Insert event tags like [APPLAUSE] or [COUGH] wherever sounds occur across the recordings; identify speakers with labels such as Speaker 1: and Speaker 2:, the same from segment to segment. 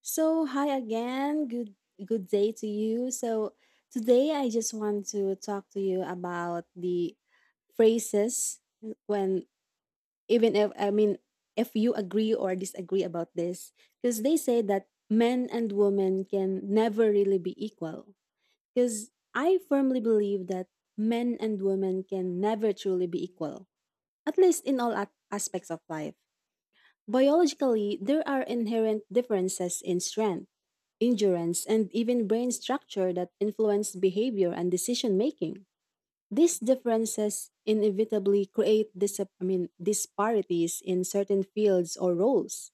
Speaker 1: So, hi again. Good day to you. So, today I just want to talk to you about the phrases when even if if you agree or disagree about this, because they say that men and women can never really be equal, because I firmly believe that men and women can never truly be equal, at least in all aspects of life. Biologically, there are inherent differences in strength, endurance, and even brain structure that influence behavior and decision making. These differences inevitably create disparities in certain fields or roles.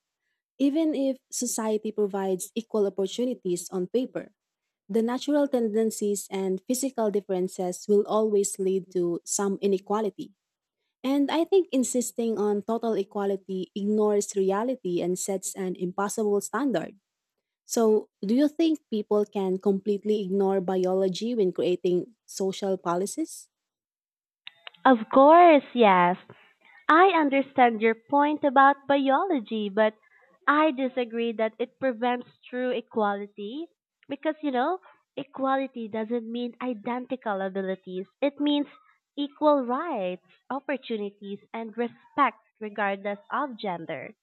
Speaker 1: Even if society provides equal opportunities on paper, the natural tendencies and physical differences will always lead to some inequality. And I think insisting on total equality ignores reality and sets an impossible standard. So, do you think people can completely ignore biology when creating social policies?
Speaker 2: Of course, yes. I understand your point about biology, but I disagree that it prevents true equality because, equality doesn't mean identical abilities. It means equal rights, opportunities, and respect regardless of gender.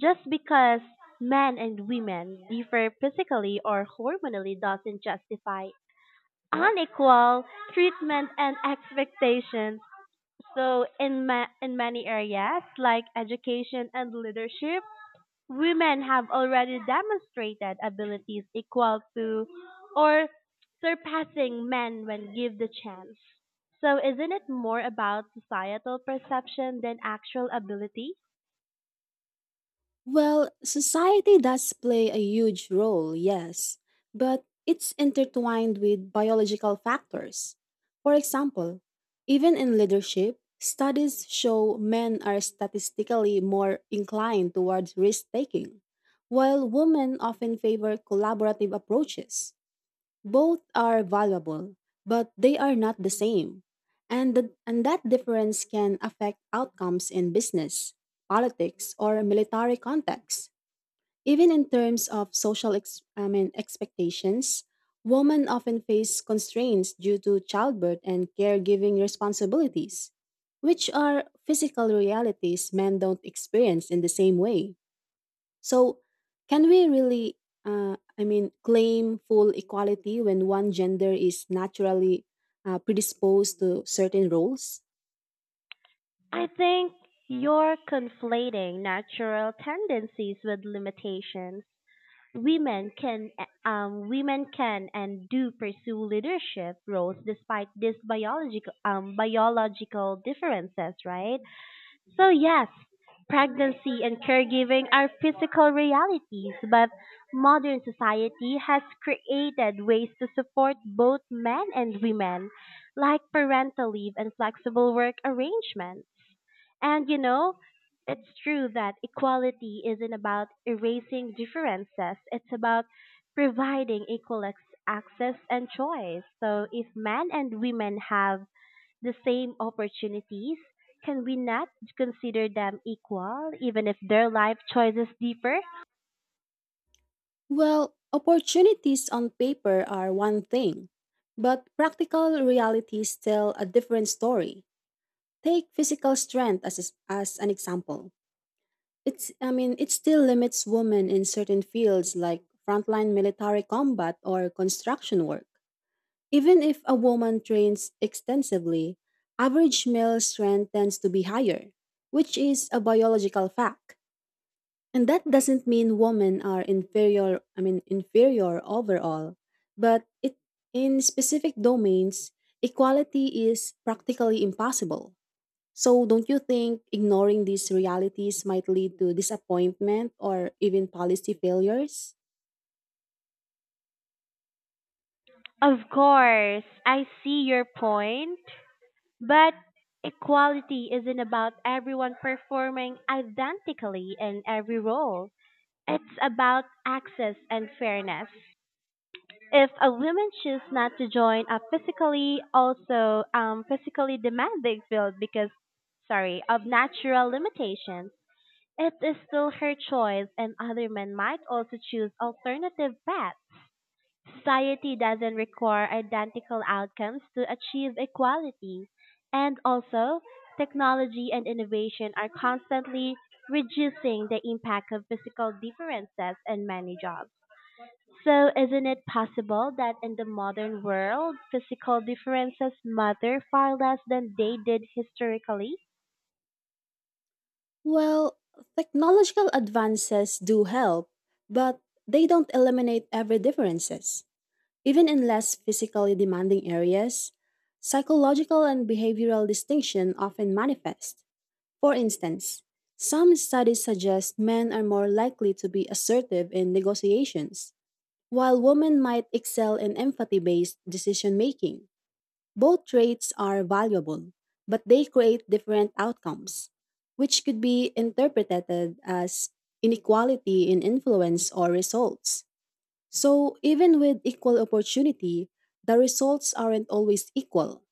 Speaker 2: Just because men and women differ physically or hormonally doesn't justify unequal treatment and expectations. So in many areas like education and leadership, women have already demonstrated abilities equal to or surpassing men when given the chance. So isn't it more about societal perception than actual ability?
Speaker 1: Well, society does play a huge role, yes, but it's intertwined with biological factors. For example, even in leadership, studies show men are statistically more inclined towards risk taking, while women often favor collaborative approaches. Both are valuable, but they are not the same. And that difference can affect outcomes in business, politics, or military contexts. Even in terms of social ex, I mean, expectations, women often face constraints due to childbirth and caregiving responsibilities, which are physical realities men don't experience in the same way. So, can we really, claim full equality when one gender is naturally predisposed to certain roles?
Speaker 2: I think you're conflating natural tendencies with limitations. Women can Women can and do pursue leadership roles despite these biological differences, right? So yes, pregnancy and caregiving are physical realities, but modern society has created ways to support both men and women, like parental leave and flexible work arrangements. And you know, it's true that equality isn't about erasing differences. It's about providing access and choice. So if men and women have the same opportunities, can we not consider them equal even if their life choices differ?
Speaker 1: Well, opportunities on paper are one thing, but practical realities tell a different story. Take physical strength as an example. It still limits women in certain fields like frontline military combat or construction work. Even if a woman trains extensively, average male strength tends to be higher, which is a biological fact. And that doesn't mean women are inferior, I mean inferior overall, but it in specific domains, equality is practically impossible. So don't you think ignoring these realities might lead to disappointment or even policy failures?
Speaker 2: Of course, I see your point, but equality isn't about everyone performing identically in every role. It's about access and fairness. If a woman chooses not to join a physically demanding field because sorry of natural limitations, it is still her choice, and other men might also choose alternative paths. Society doesn't require identical outcomes to achieve equality. And also, technology and innovation are constantly reducing the impact of physical differences in many jobs. So, isn't it possible that in the modern world, physical differences matter far less than they did historically?
Speaker 1: Well, technological advances do help, but they don't eliminate every differences. Even in less physically demanding areas, psychological and behavioral distinction often manifest. For instance, some studies suggest men are more likely to be assertive in negotiations, while women might excel in empathy-based decision making. Both traits are valuable, but they create different outcomes, which could be interpreted as inequality in influence or results. So, even with equal opportunity, the results aren't always equal.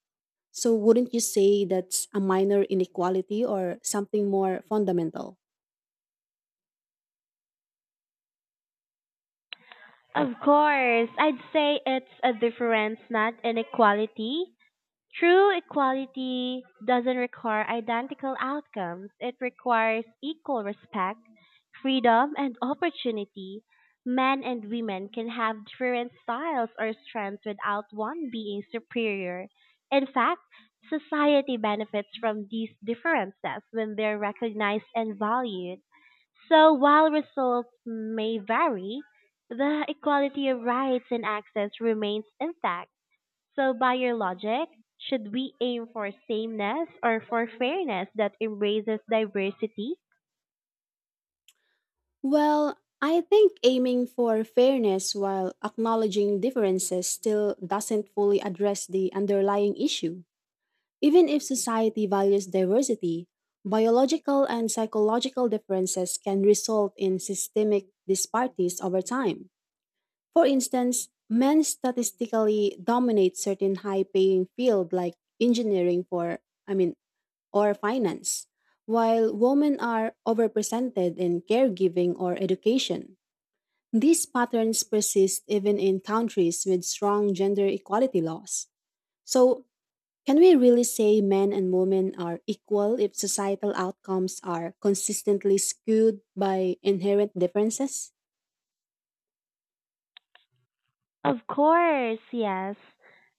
Speaker 1: So, wouldn't you say that's a minor inequality or something more fundamental?
Speaker 2: Of course, I'd say it's a difference, not inequality. True equality doesn't require identical outcomes. It requires equal respect, freedom, and opportunity. Men and women can have different styles or strengths without one being superior. In fact, society benefits from these differences when they're recognized and valued. So while results may vary, the equality of rights and access remains intact. So by your logic, should we aim for sameness or for fairness that embraces diversity?
Speaker 1: Well, I think aiming for fairness while acknowledging differences still doesn't fully address the underlying issue. Even if society values diversity, biological and psychological differences can result in systemic disparities over time. For instance, men statistically dominate certain high-paying fields like engineering for I mean or finance, while women are overrepresented in caregiving or education. These patterns persist even in countries with strong gender equality laws. So, can we really say men and women are equal if societal outcomes are consistently skewed by inherent differences?
Speaker 2: Of course, yes.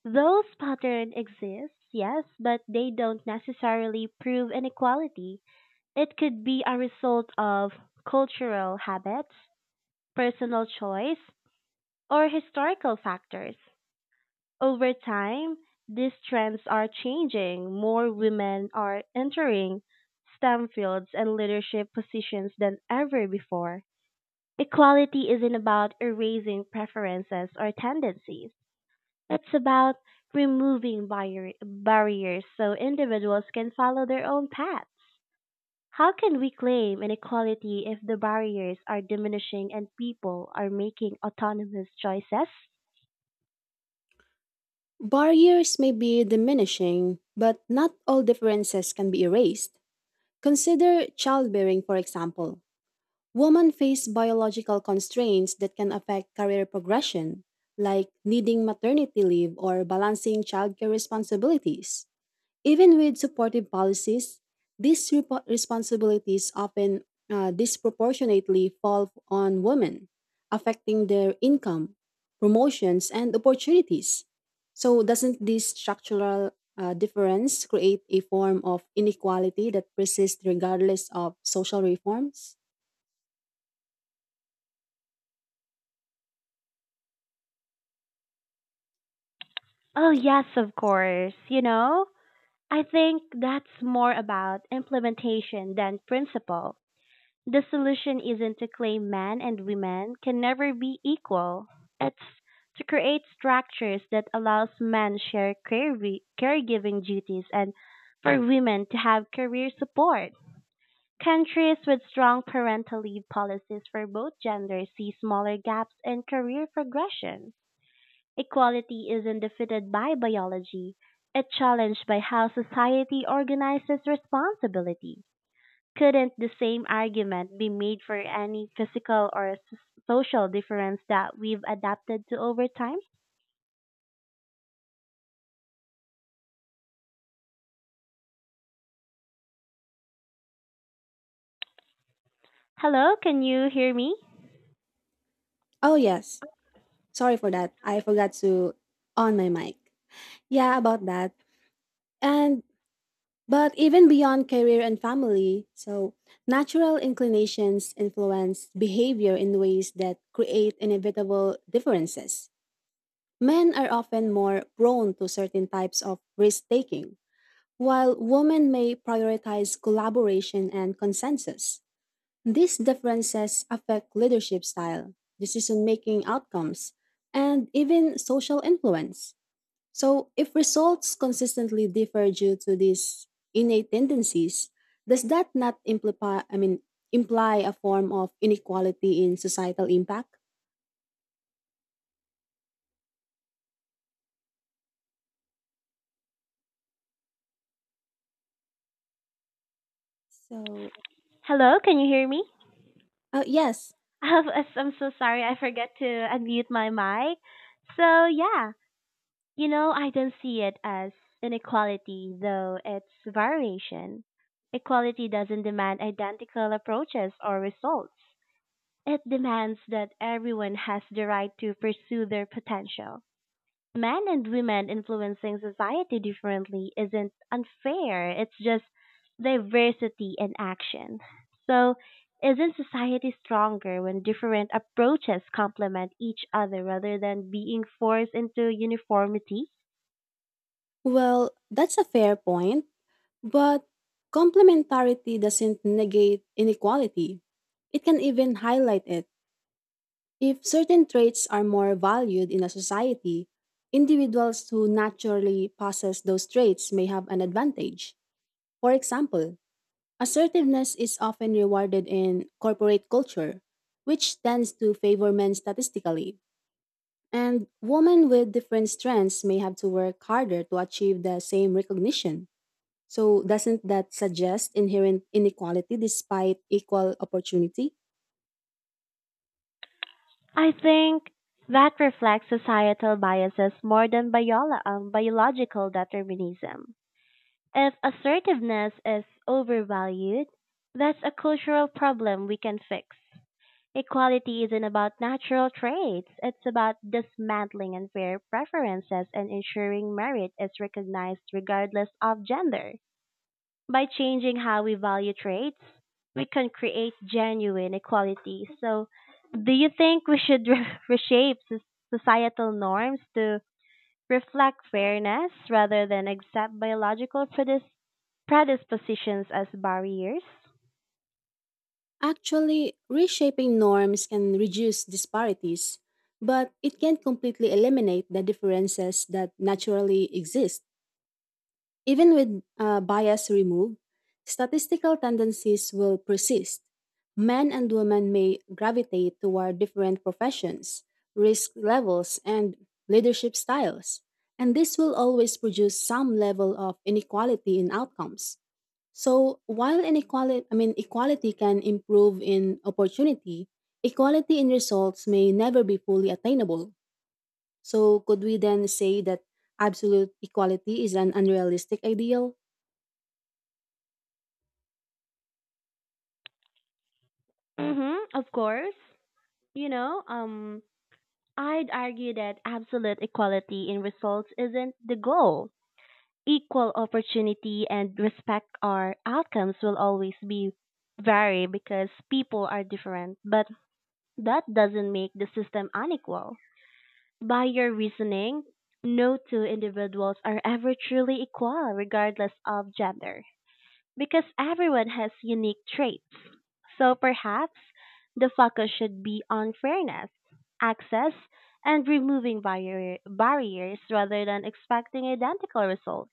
Speaker 2: Those patterns exist, yes, but they don't necessarily prove inequality. It could be a result of cultural habits, personal choice, or historical factors. Over time, these trends are changing. More women are entering STEM fields and leadership positions than ever before. Equality isn't about erasing preferences or tendencies. It's about removing barriers so individuals can follow their own path. How can we claim inequality if the barriers are diminishing and people are making autonomous choices?
Speaker 1: Barriers may be diminishing, but not all differences can be erased. Consider childbearing, for example. Women face biological constraints that can affect career progression, like needing maternity leave or balancing childcare responsibilities. Even with supportive policies, these responsibilities often disproportionately fall on women, affecting their income, promotions, and opportunities. So, doesn't this structural difference create a form of inequality that persists regardless of social reforms?
Speaker 2: Oh, yes, of course. I think that's more about implementation than principle. The solution isn't to claim men and women can never be equal. It's to create structures that allows men share caregiving duties and for women to have career support. Countries with strong parental leave policies for both genders see smaller gaps in career progression. Equality isn't defeated by biology, it's challenged by how society organizes responsibility. Couldn't the same argument be made for any physical social difference that we've adapted to over time? Hello, can you hear me?
Speaker 1: Oh, yes. Sorry for that. I forgot to on my mic. Yeah, about that. And but even beyond career and family, so natural inclinations influence behavior in ways that create inevitable differences. Men are often more prone to certain types of risk taking, while women may prioritize collaboration and consensus. These differences affect leadership style, decision making outcomes, and even social influence. So, if results consistently differ due to these innate tendencies, does that not imply a form of inequality in societal impact? So,
Speaker 2: Hello, can you hear me?
Speaker 1: yes,
Speaker 2: [LAUGHS] I'm so sorry, I forgot to unmute my mic. So, yeah. I don't see it as inequality, though it's variation. Equality doesn't demand identical approaches or results. It demands that everyone has the right to pursue their potential. Men and women influencing society differently isn't unfair, it's just diversity in action. So, isn't society stronger when different approaches complement each other rather than being forced into uniformity?
Speaker 1: well, that's a fair point, but complementarity doesn't negate inequality. It can even highlight it. If certain traits are more valued in a society, individuals who naturally possess those traits may have an advantage. For example, assertiveness is often rewarded in corporate culture, which tends to favor men statistically, and women with different strengths may have to work harder to achieve the same recognition. So, doesn't that suggest inherent inequality despite equal opportunity?
Speaker 2: I think that reflects societal biases more than biological determinism. If assertiveness is overvalued, that's a cultural problem we can fix. Equality isn't about natural traits, it's about dismantling unfair preferences and ensuring merit is recognized regardless of gender. By changing how we value traits, we can create genuine equality. So, do you think we should re- [LAUGHS] reshape soc- societal norms to reflect fairness rather than accept predispositions as barriers?
Speaker 1: Actually, reshaping norms can reduce disparities, but it can't completely eliminate the differences that naturally exist. Even with bias removed, statistical tendencies will persist. Men and women may gravitate toward different professions, risk levels, and leadership styles, and this will always produce some level of inequality in outcomes. So, while equality can improve in opportunity, equality in results may never be fully attainable. So, could we then say that absolute equality is an unrealistic ideal?
Speaker 2: Mm-hmm, of course. You know, um, I'd argue that absolute equality in results isn't the goal. Equal opportunity and respect our outcomes will always be vary because people are different, but that doesn't make the system unequal. By your reasoning, no two individuals are ever truly equal regardless of gender, because everyone has unique traits. So perhaps the focus should be on fairness, access, and removing barriers rather than expecting identical results.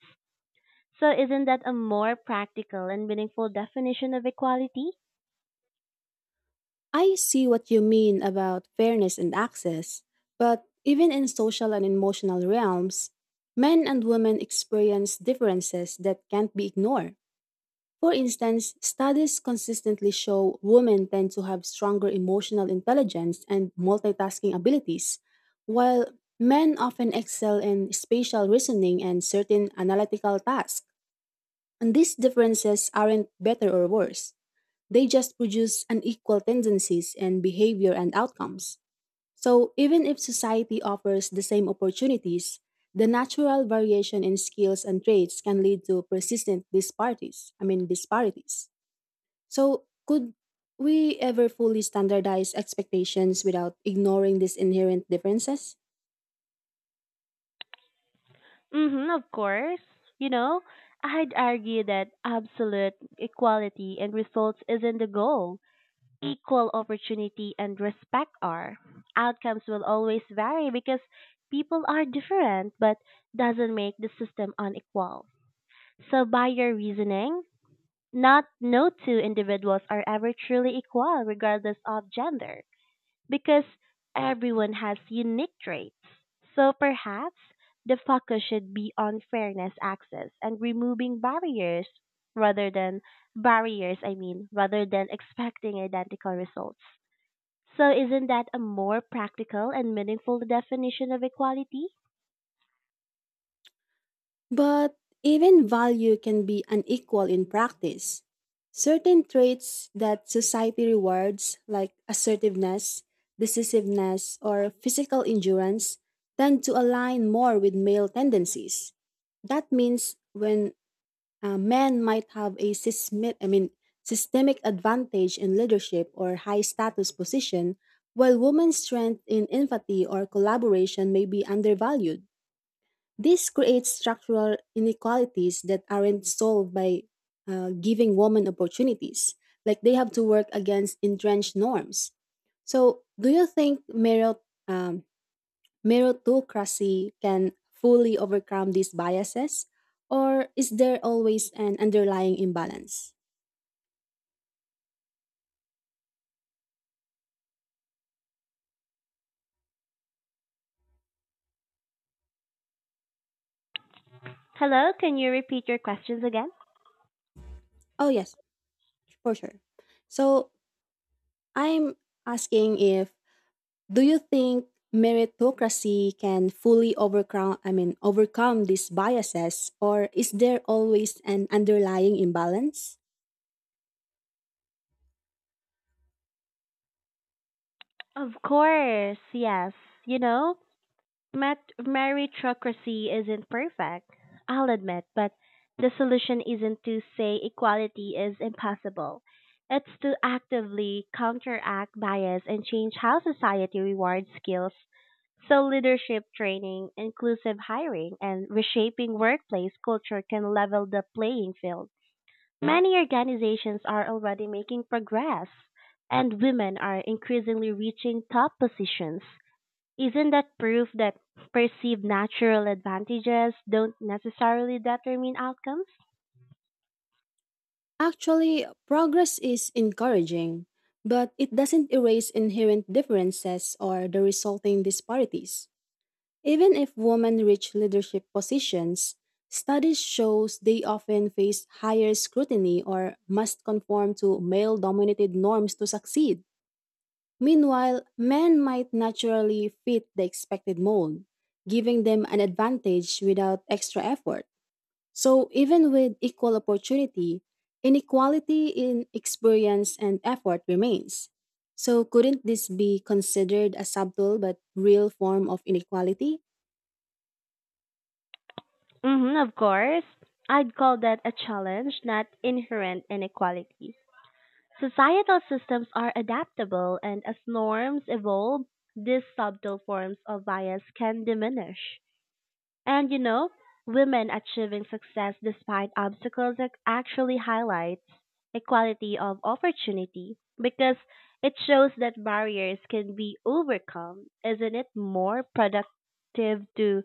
Speaker 2: So isn't that a more practical and meaningful definition of equality?
Speaker 1: I see what you mean about fairness and access, but even in social and emotional realms, men and women experience differences that can't be ignored. For instance, studies consistently show women tend to have stronger emotional intelligence and multitasking abilities, while men often excel in spatial reasoning and certain analytical tasks. And these differences aren't better or worse. They just produce unequal tendencies in behavior and outcomes. So, even if society offers the same opportunities, the natural variation in skills and traits can lead to persistent disparities. So, could we ever fully standardize expectations without ignoring these inherent differences?
Speaker 2: Mm-hmm, of course. You know, I'd argue that absolute equality and results isn't the goal. Equal opportunity and respect are. Outcomes will always vary because people are different, but doesn't make the system unequal. So by your reasoning, not no two individuals are ever truly equal regardless of gender, because everyone has unique traits. So perhaps the focus should be on fairness, access, and removing barriers rather than rather than expecting identical results. So isn't that a more practical and meaningful definition of equality?
Speaker 1: But even value can be unequal in practice. Certain traits that society rewards, like assertiveness, decisiveness, or physical endurance, tend to align more with male tendencies. That means when men might have a systemic advantage in leadership or high status position, while women's strength in empathy or collaboration may be undervalued. This creates structural inequalities that aren't solved by giving women opportunities. Like they have to work against entrenched norms. So, do you think um, meritocracy can fully overcome these biases? Or is there always an underlying imbalance?
Speaker 2: Hello, can you repeat your questions again?
Speaker 1: Oh, yes, for sure. So, I'm asking if, do you think meritocracy can fully overcome I mean overcome these biases or is there always an underlying imbalance?
Speaker 2: Of course, yes. You know, Meritocracy isn't perfect, I'll admit, but the solution isn't to say equality is impossible. It's to actively counteract bias and change how society rewards skills. So, leadership training, inclusive hiring, and reshaping workplace culture can level the playing field. Many organizations are already making progress, and women are increasingly reaching top positions. Isn't that proof that perceived natural advantages don't necessarily determine outcomes?
Speaker 1: Actually, progress is encouraging, but it doesn't erase inherent differences or the resulting disparities. Even if women reach leadership positions, studies shows they often face higher scrutiny or must conform to male-dominated norms to succeed. Meanwhile, men might naturally fit the expected mold, giving them an advantage without extra effort. So, even with equal opportunity, inequality in experience and effort remains. So, couldn't this be considered a subtle but real form of inequality?
Speaker 2: Hmm, of course. I'd call that a challenge, not inherent inequality. Societal systems are adaptable, and as norms evolve, these subtle forms of bias can diminish. And you know, Women achieving success despite obstacles actually highlights equality of opportunity because it shows that barriers can be overcome. Isn't it more productive to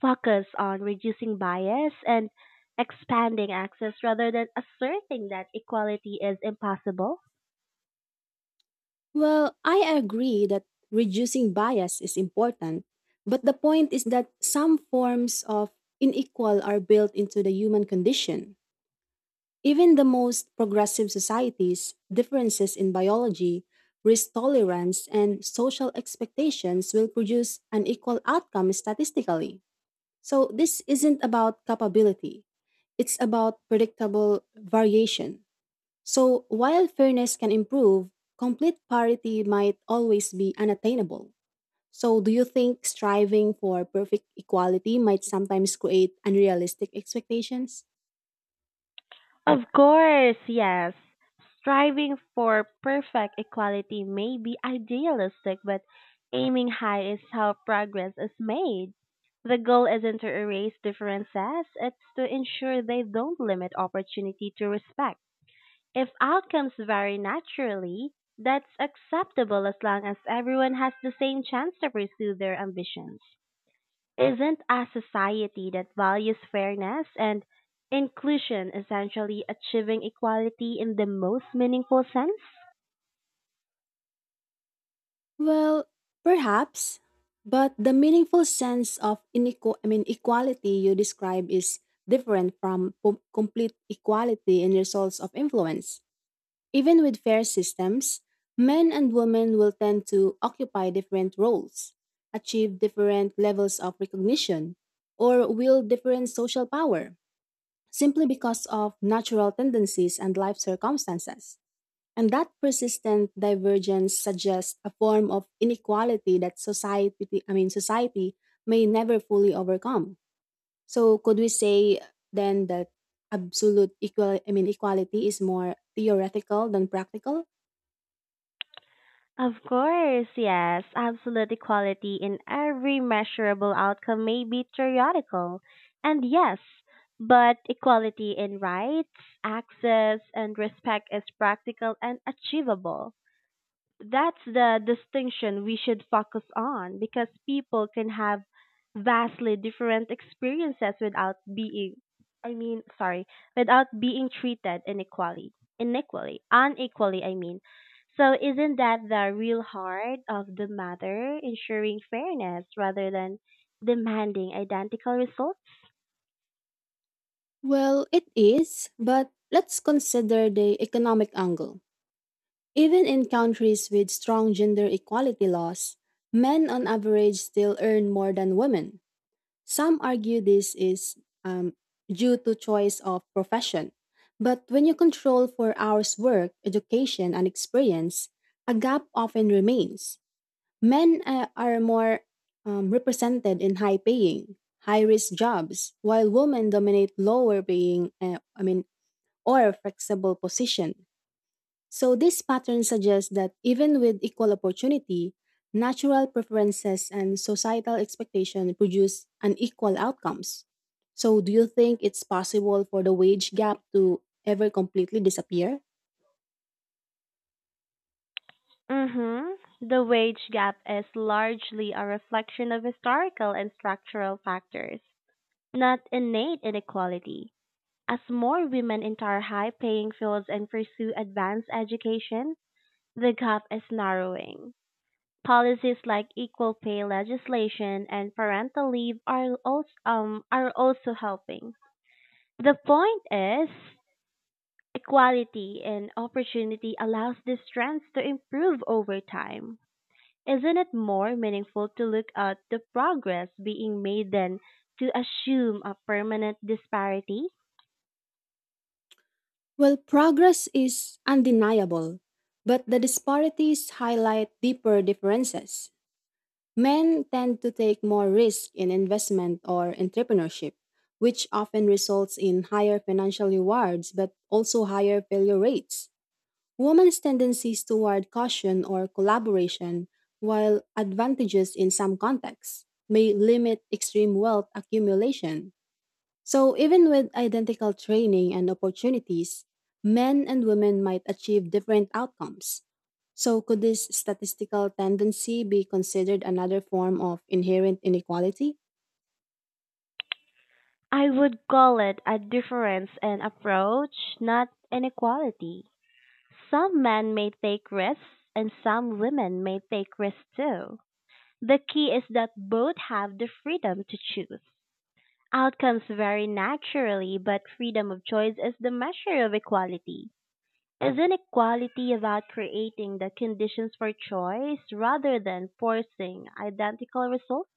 Speaker 2: focus on reducing bias and expanding access rather than asserting that equality is impossible?
Speaker 1: Well, I agree that reducing bias is important, but the point is that some forms of inequal are built into the human condition. Even the most progressive societies, differences in biology, risk tolerance, and social expectations will produce an equal outcome statistically. So, this isn't about capability, it's about predictable variation. So, while fairness can improve, complete parity might always be unattainable. So, do you think striving for perfect equality might sometimes create unrealistic expectations?
Speaker 2: Of course, yes. Striving for perfect equality may be idealistic, but aiming high is how progress is made. The goal isn't to erase differences, it's to ensure they don't limit opportunity to respect. If outcomes vary naturally, that's acceptable as long as everyone has the same chance to pursue their ambitions. Isn't a society that values fairness and inclusion essentially achieving equality in the most meaningful sense?
Speaker 1: Well, perhaps, but the meaningful sense of equality you describe is different from complete equality in results of influence. Even with fair systems, men and women will tend to occupy different roles, achieve different levels of recognition, or wield different social power simply because of natural tendencies and life circumstances. And that persistent divergence suggests a form of inequality that society may never fully overcome. So could we say then that absolute equality is more theoretical than practical?
Speaker 2: Of course, yes, absolute equality in every measurable outcome may be theoretical. And yes, but equality in rights, access, and respect is practical and achievable. That's the distinction we should focus on because people can have vastly different experiences without being I mean sorry without being treated inequally inequally unequally so isn't that the real heart of the matter, ensuring fairness rather than demanding identical results?
Speaker 1: Well, it is, but let's consider the economic angle. Even in countries with strong gender equality laws, men on average still earn more than women. Some argue this is um, due to choice of profession. But when you control for hours work, education, and experience, a gap often remains. Men are more represented in high paying, high risk jobs, while women dominate lower paying, or flexible position. So, this pattern suggests that even with equal opportunity, natural preferences and societal expectation produce unequal outcomes. So, do you think it's possible for the wage gap to ever completely disappear?
Speaker 2: Mhm. The wage gap is largely a reflection of historical and structural factors, not innate inequality. As more women enter high paying fields and pursue advanced education, the gap is narrowing. Policies like equal pay legislation and parental leave are also helping. The point is, equality and opportunity allows these trends to improve over time. Isn't it more meaningful to look at the progress being made than to assume a permanent disparity?
Speaker 1: Well, progress is undeniable, but the disparities highlight deeper differences. Men tend to take more risk in investment or entrepreneurship, which often results in higher financial rewards but also higher failure rates. Women's tendencies toward caution or collaboration, while advantages in some contexts, may limit extreme wealth accumulation. So, even with identical training and opportunities, men and women might achieve different outcomes. So, could this statistical tendency be considered another form of inherent inequality?
Speaker 2: I would call it a difference in approach, not inequality. Some men may take risks and some women may take risks too. The key is that both have the freedom to choose. Outcomes vary naturally, but freedom of choice is the measure of equality. Is not equality about creating the conditions for choice rather than forcing identical results?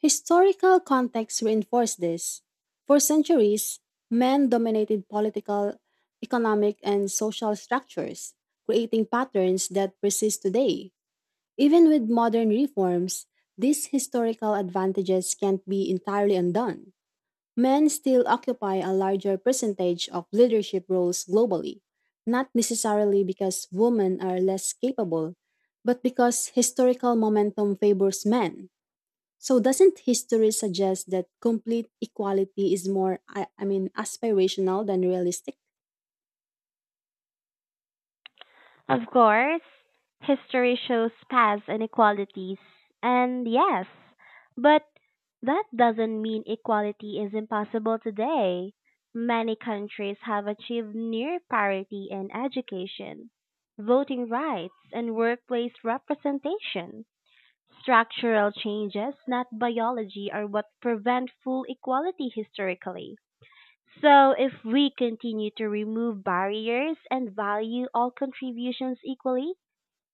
Speaker 1: Historical contexts reinforce this. For centuries, men dominated political, economic, and social structures, creating patterns that persist today. Even with modern reforms, these historical advantages can't be entirely undone. Men still occupy a larger percentage of leadership roles globally, not necessarily because women are less capable, but because historical momentum favors men. So, doesn't history suggest that complete equality is more, aspirational than realistic?
Speaker 2: Of course, history shows past inequalities, and yes, but that doesn't mean equality is impossible today. Many countries have achieved near parity in education, voting rights, and workplace representation. Structural changes, not biology, are what prevent full equality historically. So, if we continue to remove barriers and value all contributions equally,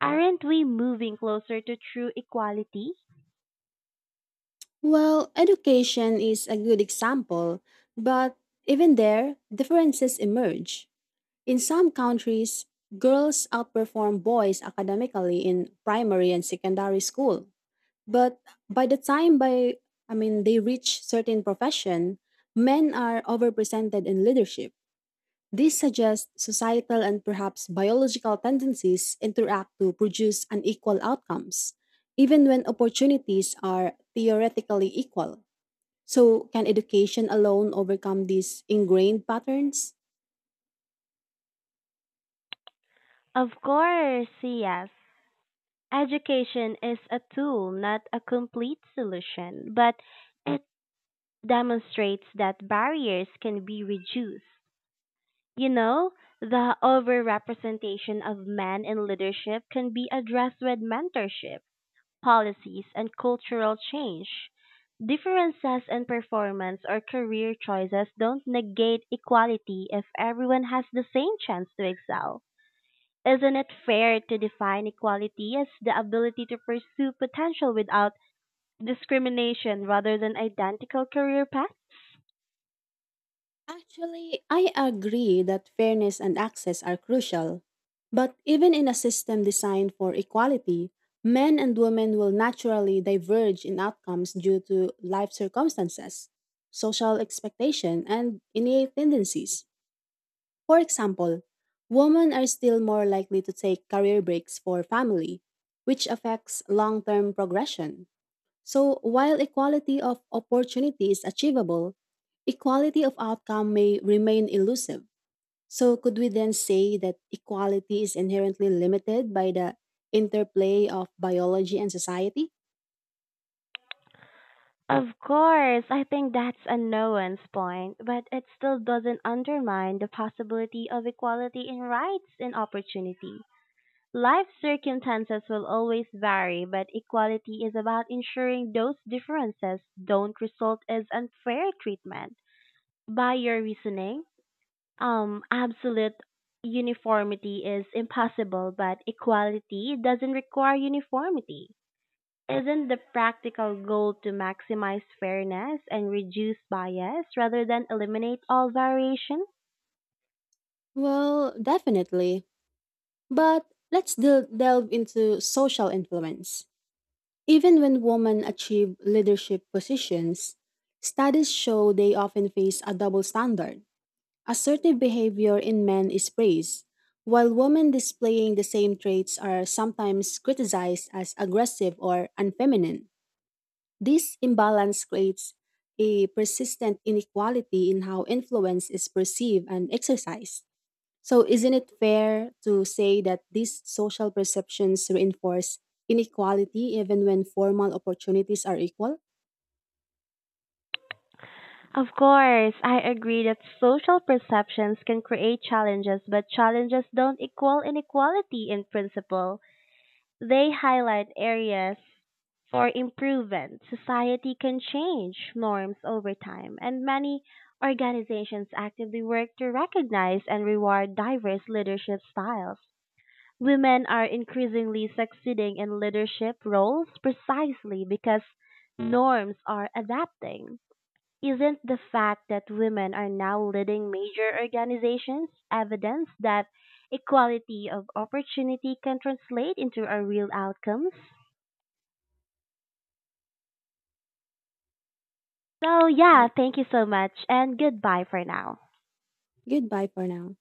Speaker 2: aren't we moving closer to true equality?
Speaker 1: Well, education is a good example, but even there, differences emerge. In some countries, girls outperform boys academically in primary and secondary school. But by the time by I mean they reach certain profession, men are overrepresented in leadership. This suggests societal and perhaps biological tendencies interact to produce unequal outcomes, even when opportunities are theoretically equal. So, can education alone overcome these ingrained patterns?
Speaker 2: Of course, yes. Education is a tool, not a complete solution, but it demonstrates that barriers can be reduced. You know, the overrepresentation of men in leadership can be addressed with mentorship policies and cultural change. Differences in performance or career choices don't negate equality if everyone has the same chance to excel. Isn't it fair to define equality as the ability to pursue potential without discrimination rather than identical career paths?
Speaker 1: Actually, I agree that fairness and access are crucial. But even in a system designed for equality, men and women will naturally diverge in outcomes due to life circumstances, social expectation, and innate tendencies. For example, women are still more likely to take career breaks for family, which affects long term progression. So, while equality of opportunity is achievable, equality of outcome may remain elusive. So, could we then say that equality is inherently limited by the interplay of biology and society?
Speaker 2: Of course, I think that's a no one's point, but it still doesn't undermine the possibility of equality in rights and opportunity. Life circumstances will always vary, but equality is about ensuring those differences don't result as unfair treatment. By your reasoning, absolute uniformity is impossible, but equality doesn't require uniformity. Isn't the practical goal to maximize fairness and reduce bias rather than eliminate all variation?
Speaker 1: Well, definitely. But delve into social influence. Even when women achieve leadership positions, studies show they often face a double standard. Assertive behavior in men is praised, while women displaying the same traits are sometimes criticized as aggressive or unfeminine. This imbalance creates a persistent inequality in how influence is perceived and exercised. So, isn't it fair to say that these social perceptions reinforce inequality even when formal opportunities are equal?
Speaker 2: Of course, I agree that social perceptions can create challenges, but challenges don't equal inequality in principle. They highlight areas for improvement. Society can change norms over time, and many organizations actively work to recognize and reward diverse leadership styles. Women are increasingly succeeding in leadership roles precisely because norms are adapting. Isn't the fact that women are now leading major organizations evidence that equality of opportunity can translate into a real outcomes? So
Speaker 1: Uh,
Speaker 2: yeah, thank you so much and goodbye for now.
Speaker 1: goodbye for now.